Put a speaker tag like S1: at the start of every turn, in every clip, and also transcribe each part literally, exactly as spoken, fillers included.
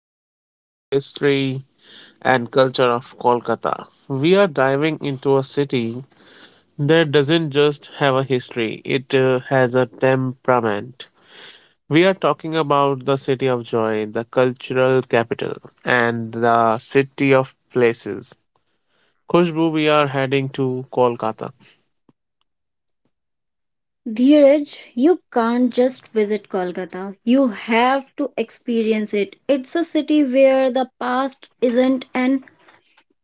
S1: talking about the history and culture of Kolkata. We are diving into a city that doesn't just have a history, it uh, has a temperament. We are talking about the city of joy, the cultural capital, and the city of places. Khushbu, we are heading to Kolkata.
S2: Dheeraj, you can't just visit Kolkata. You have to experience it. It's a city where the past isn't an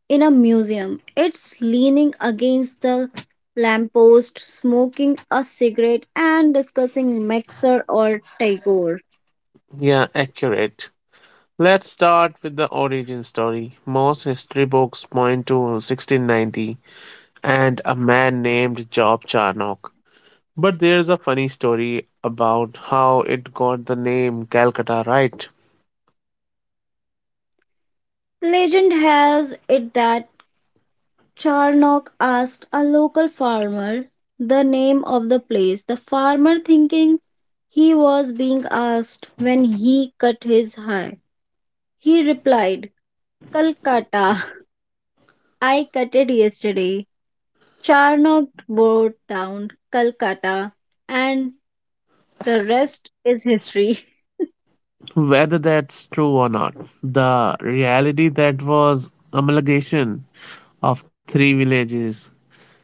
S2: in a museum. It's leaning against the lamppost, smoking a cigarette and discussing Mexer or Tagore.
S1: Yeah, accurate. Let's start with the origin story. Most history books point to sixteen ninety and a man named Job Charnock. But there's a funny story about how it got the name Calcutta right.
S2: Legend has it that Charnock asked a local farmer the name of the place. The farmer thinking he was being asked when he cut his hair, he replied, "Calcutta, I cut it yesterday." Charnock bore down Calcutta, and the rest is history.
S1: Whether that's true or not, the reality that was amalgamation of three villages,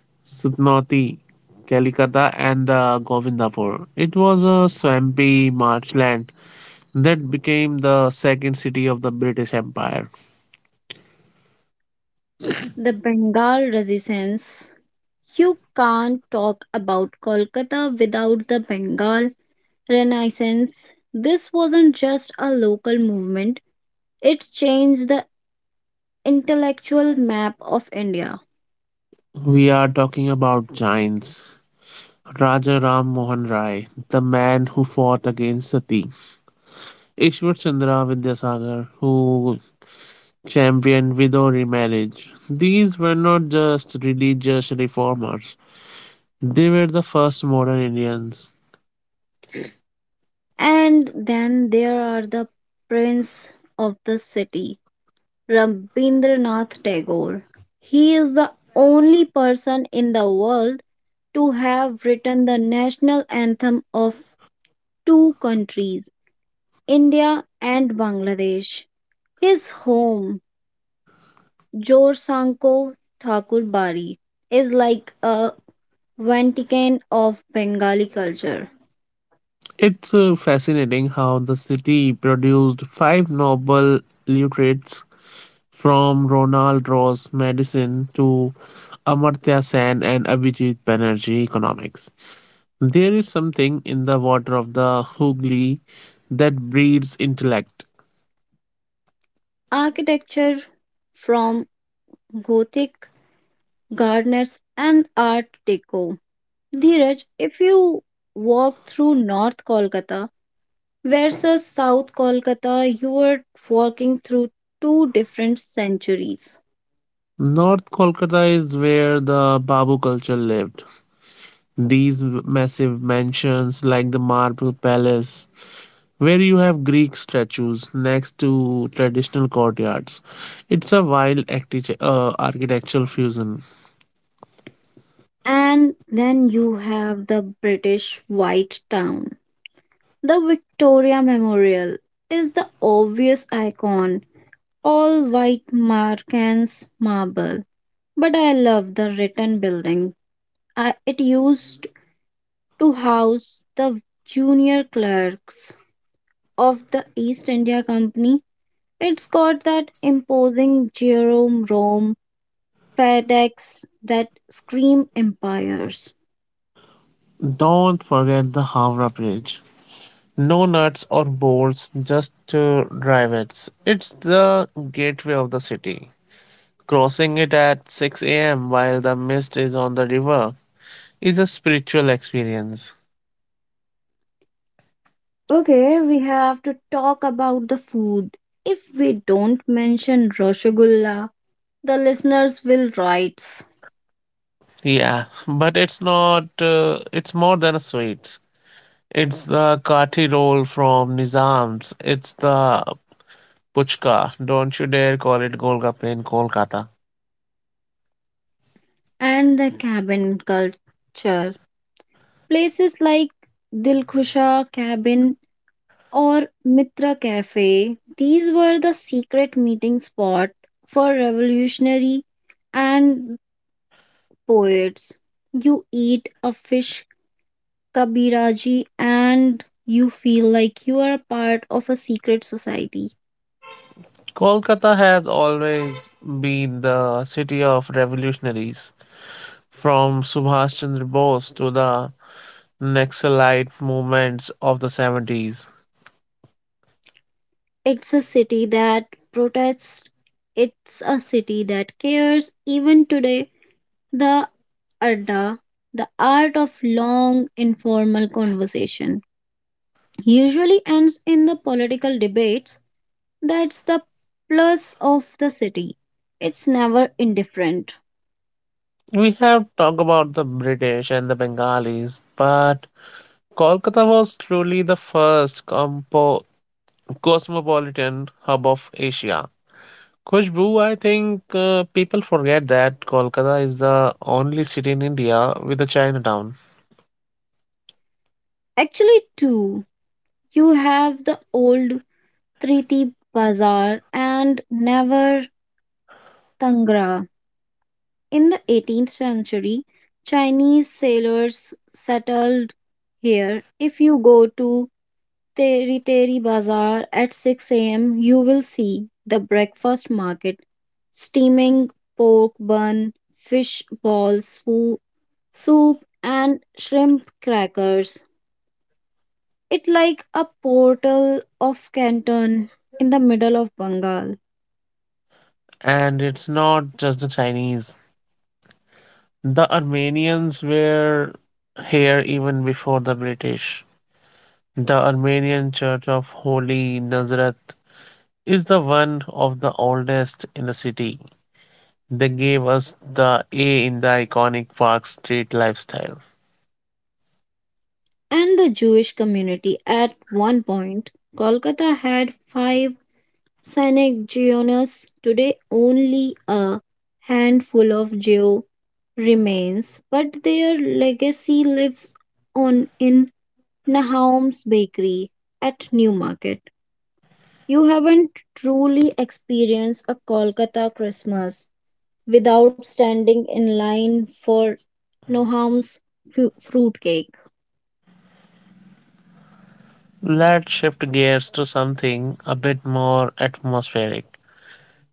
S1: Sutnoti, Kalikata and the Govindapur. It was a swampy marshland that became the second city of the British Empire.
S2: The Bengal resistance. You can't talk about Kolkata without the Bengal Renaissance. This wasn't just a local movement, it changed the intellectual map of India.
S1: We are talking about giants. Raja Ram Mohan Rai, the man who fought against Sati. Ishwar Chandra Vidyasagar, who championed widow remarriage. These were not just religious reformers, they were the first modern Indians.
S2: And then there are the prince of the city, Rabindranath Tagore. He is the only person in the world to have written the national anthem of two countries, India and Bangladesh. His home, Jorsanko Thakurbari, is like a Vatican of Bengali culture.
S1: It's uh, fascinating how the city produced five noble literates from Ronald Rose medicine to Amartya Sen and Abhijit Banerjee economics. There is something in the water of the Hooghly that breeds intellect.
S2: Architecture from Gothic, Gardners, and Art Deco. Dheeraj, if you walk through North Kolkata versus South Kolkata, you are walking through two different centuries.
S1: North Kolkata is where the Babu culture lived. These massive mansions, like the Marble Palace, where you have Greek statues next to traditional courtyards. It's a wild acti- uh, architectural fusion.
S2: And then you have the British White Town. The Victoria Memorial is the obvious icon, all white markings marble. But I love the written building. I, it used to house the junior clerks of the East India Company. It's got that imposing Jerome FedEx that scream empires.
S1: Don't forget the Howrah Bridge. No nuts or bolts, just uh, drivettes. It's the gateway of the city. Crossing it at six a m while the mist is on the river is a spiritual experience.
S2: Okay, we have to talk about the food. If we don't mention Rosgulla, the listeners will write.
S1: Yeah, but it's not, uh, it's more than a sweets. It's the kathi roll from Nizam's. It's the puchka. Don't you dare call it Golgappa in Kolkata.
S2: And the cabin culture. Places like Dilkhusha Cabin or Mitra Cafe, these were the secret meeting spot for revolutionary and poets. You eat a fish Kabiraji and you feel like you are a part of a secret society.
S1: Kolkata has always been the city of revolutionaries, from Subhash Chandra Bose to the Naxalite movements of the seventies.
S2: It's a city that protests, it's a city that cares. Even today, the Adda, the art of long informal conversation, usually ends in the political debates. That's the plus of the city. It's never indifferent.
S1: We have talked about the British and the Bengalis, but Kolkata was truly the first compo- cosmopolitan hub of Asia. Khushbu, I think uh, people forget that Kolkata is the only city in India with a Chinatown.
S2: Actually, too, you have the old Kriti Bazaar and Navar Tangra. In the eighteenth century, Chinese sailors settled here. If you go to Teri Teri Bazaar at six a m, you will see the breakfast market steaming pork bun, fish balls, foo- soup, and shrimp crackers. It like a portal of Canton in the middle of Bengal.
S1: And it's not just the Chinese. The Armenians were here even before the British. The Armenian Church of Holy Nazareth is the one of the oldest in the city. They gave us the A in the iconic Park Street lifestyle.
S2: And the Jewish community at one point, Kolkata had five Sanhedrists. Today, only a handful of Jew remains, but their legacy lives on in Nahum's Bakery at Newmarket. You haven't truly experienced a Kolkata Christmas without standing in line for Noham's fruitcake.
S1: Let's shift gears to something a bit more atmospheric.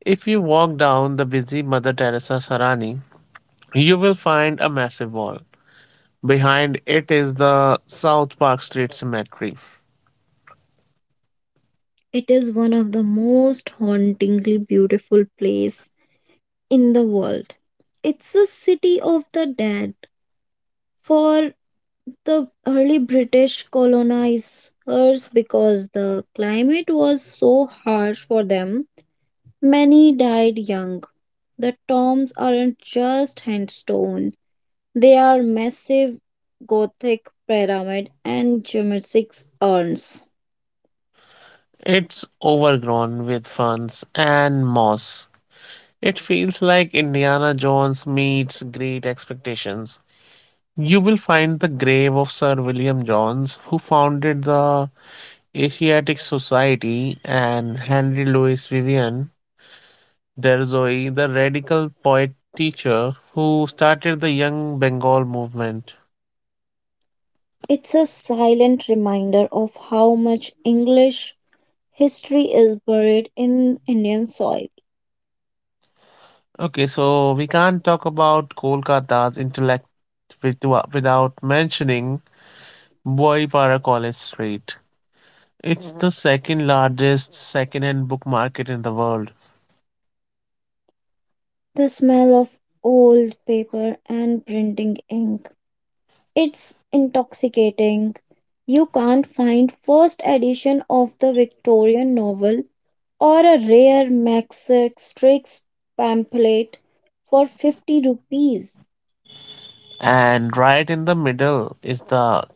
S1: If you walk down the busy Mother Teresa Sarani, you will find a massive wall. Behind it is the South Park Street Cemetery.
S2: It is one of the most hauntingly beautiful place in the world. It's a city of the dead for the early British colonizers because the climate was so harsh for them. Many died young. The tombs aren't just handstone. They are massive Gothic pyramid and geometric urns.
S1: It's overgrown with ferns and moss. It feels like Indiana Jones meets Great Expectations. You will find the grave of Sir William Jones, who founded the Asiatic Society, and Henry Louis Vivian Derzoe, the radical poet teacher who started the Young Bengal movement.
S2: It's a silent reminder of how much English history is buried in Indian soil.
S1: Okay, so we can't talk about Kolkata's intellect with, without mentioning Boypara College Street. It's the second largest second-hand book market in the world.
S2: The smell of old paper and printing ink. It's intoxicating. You can't find first edition of the Victorian novel or a rare Max Strix pamphlet for fifty rupees.
S1: And right in the middle is the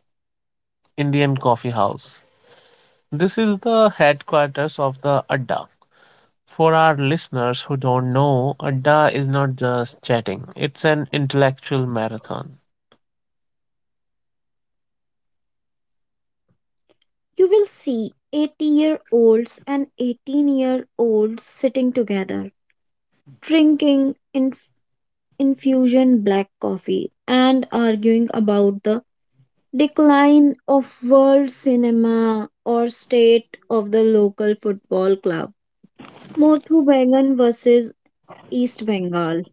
S1: Indian Coffee House. This is the headquarters of the Adda. For our listeners who don't know, Adda is not just chatting, it's an intellectual marathon.
S2: You will see eighty year olds and eighteen year olds sitting together, drinking in infusion black coffee and arguing about the decline of world cinema or state of the local football club. Mothu Bagan versus East Bengal.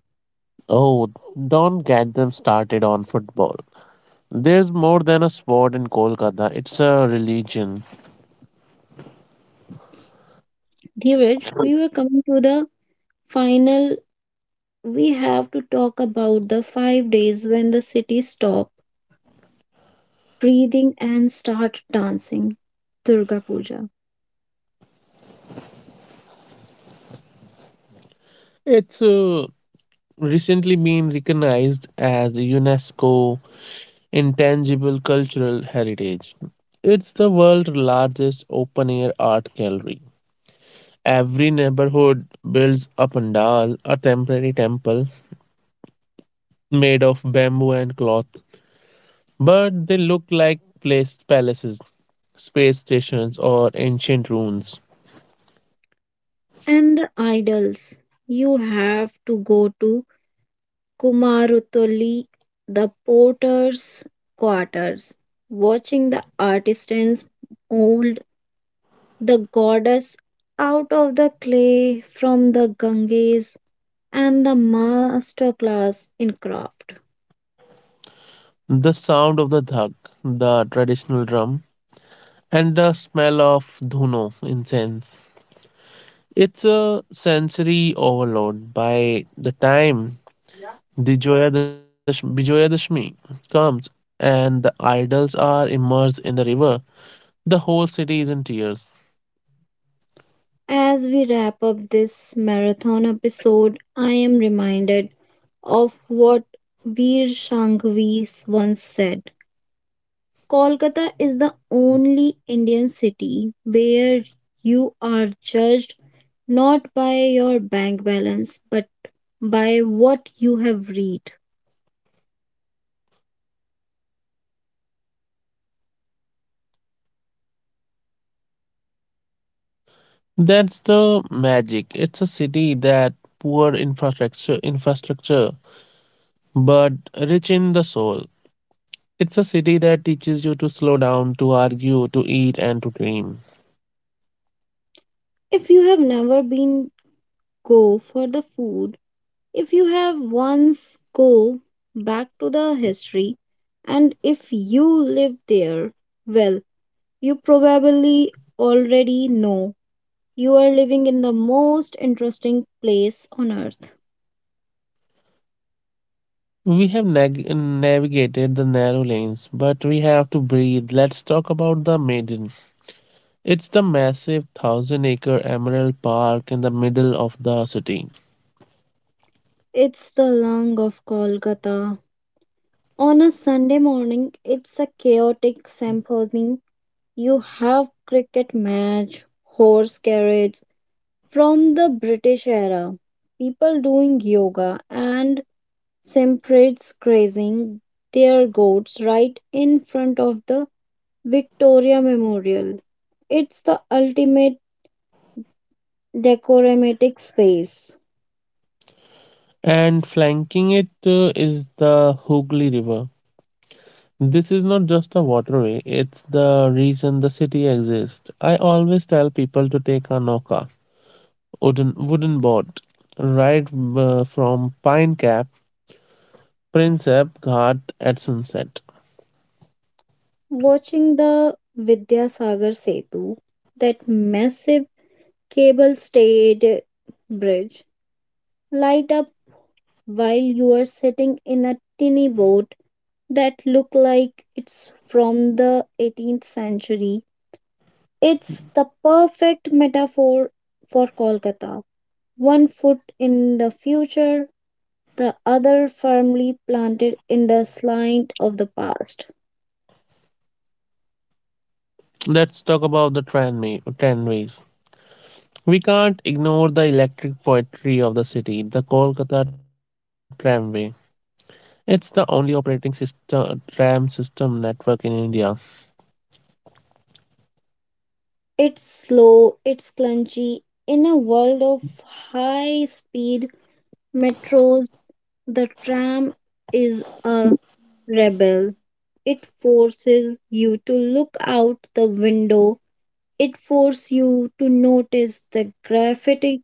S1: Oh, don't get them started on football. There's more than a sport in Kolkata, it's a religion.
S2: Dhiraj, we were coming to the final. We have to talk about the five days when the city stopped breathing and start dancing Durga Puja.
S1: It's uh, recently been recognized as UNESCO intangible cultural heritage. It's the world's largest open air art gallery. Every neighborhood builds a pandal, a temporary temple made of bamboo and cloth, but they look like place palaces, space stations, or ancient ruins.
S2: And the idols, you have to go to Kumarutoli, the potter's quarters, watching the artisans mold the goddess out of the clay from the Ganges, and the master class in craft.
S1: The sound of the dhak, the traditional drum, and the smell of dhuno incense. It's a sensory overload. By the time Vijayadash- Vijayadashmi comes and the idols are immersed in the river. The whole city is in tears.
S2: As we wrap up this marathon episode, I am reminded of what Veer Shangvi once said: Kolkata is the only Indian city where you are judged not by your bank balance but by what you have read.
S1: That's the magic. It's a city that poor infrastructure infrastructure but rich in the soul. It's a city that teaches you to slow down, to argue, to eat and to dream.
S2: If you have never been, go for the food. If you have once, go back to the history. And if you live there, well, you probably already know you are living in the most interesting place on earth.
S1: We have nag- navigated the narrow lanes, but we have to breathe. Let's talk about the maiden. It's the massive thousand acre Emerald Park in the middle of the city.
S2: It's the lung of Kolkata. On a Sunday morning, it's a chaotic symphony. You have cricket match, horse carriage from the British era, people doing yoga and simprates grazing their goats right in front of the Victoria Memorial. It's the ultimate decoratic space.
S1: And flanking it uh, is the Hooghly River. This is not just a waterway, it's the reason the city exists. I always tell people to take a noka, wooden, wooden boat, ride uh, from Pine Cap, Princep Ghat at sunset.
S2: Watching the Vidyasagar Setu, that massive cable stayed bridge light up while you are sitting in a tiny boat that look like it's from the eighteenth century. It's the perfect metaphor for Kolkata. One foot in the future, the other firmly planted in the slant of the past.
S1: Let's talk about the tramway, tramways. We can't ignore the electric poetry of the city, the Kolkata tramway. It's the only operating system RAM system network in India.
S2: It's slow, it's clunky. In a world of high speed metros, the tram is a rebel. It forces you to look out the window. It forces you to notice the graffiti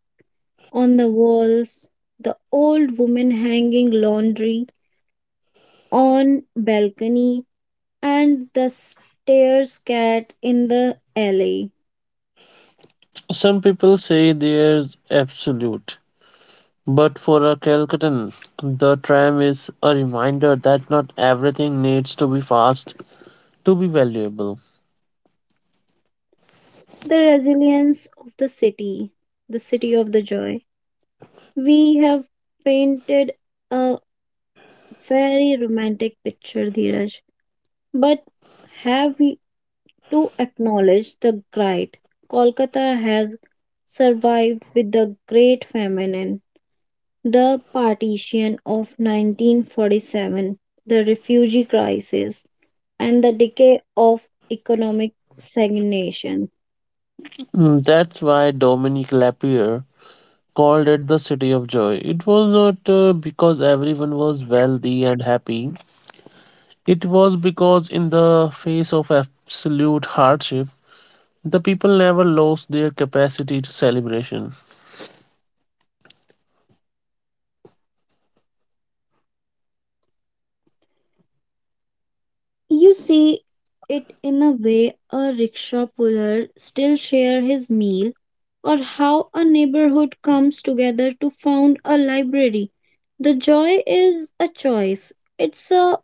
S2: on the walls, the old woman hanging laundry on balcony, and the stairs cat in the alley.
S1: Some people say there's absolute, but for a Calcutan, the tram is a reminder that not everything needs to be fast to be valuable.
S2: The resilience of the city, the city of the joy. We have painted a. Very romantic picture, Dheeraj. But have we to acknowledge the gripe. Kolkata has survived with the Great Famine, and the partition of nineteen forty-seven, the refugee crisis, and the decay of economic stagnation.
S1: Mm. That's why Dominique Lapierre called it the city of joy. It was not uh, because everyone was wealthy and happy. It was because in the face of absolute hardship, the people never lost their capacity to celebration.
S2: You see it in a way a rickshaw puller still share his meal or how a neighborhood comes together to found a library. The joy is a choice. It's a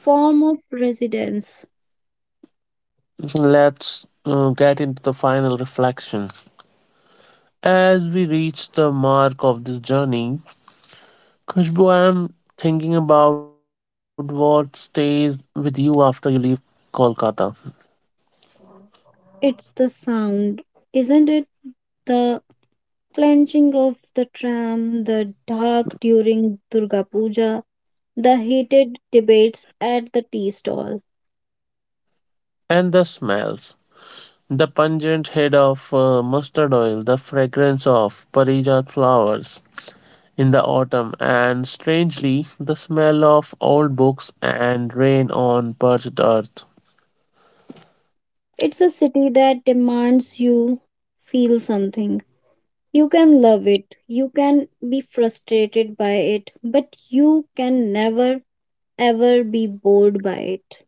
S2: form of residence.
S1: Let's uh, get into the final reflection. As we reach the mark of this journey, Khushbu, I'm thinking about what stays with you after you leave Kolkata.
S2: It's the sound, isn't it? The clenching of the tram, the dark during Durga Puja, the heated debates at the tea stall.
S1: And the smells. The pungent head of uh, mustard oil, the fragrance of Parijat flowers in the autumn, and strangely, the smell of old books and rain on parched earth.
S2: It's a city that demands you feel something. You can love it, you can be frustrated by it, but you can never ever be bored by it.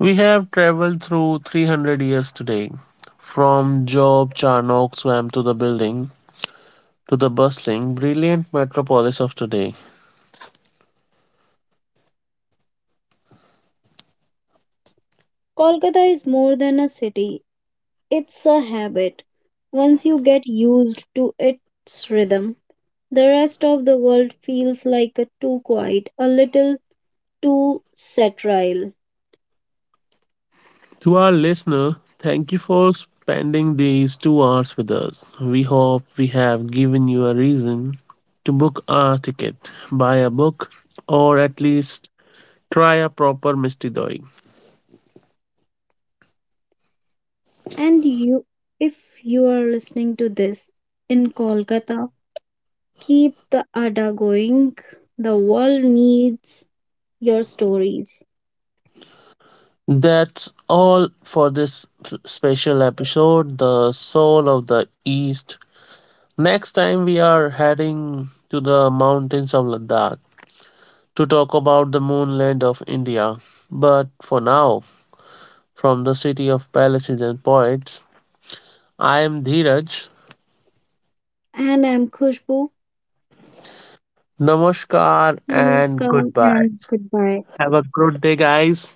S1: We have traveled through three hundred years today, from Job Charnock swamp to the building to the bustling, brilliant metropolis of today.
S2: Kolkata is more than a city, it's a habit. Once you get used to its rhythm, the rest of the world feels like a too quiet, a little too sterile.
S1: To our listener, thank you for spending these two hours with us. We hope we have given you a reason to book a ticket, buy a book, or at least try a proper Misty Doi.
S2: And you, if you are listening to this in Kolkata, keep the Ada going. The world needs your stories.
S1: That's all for this special episode, The Soul of the East. Next time we are heading to the mountains of Ladakh to talk about the moonland of India. But for now, from the city of palaces and poets, I am Dheeraj.
S2: And I'm Khushbu.
S1: Namaskar and
S2: Namaskar
S1: goodbye.
S2: and goodbye.
S1: Have a good day, guys.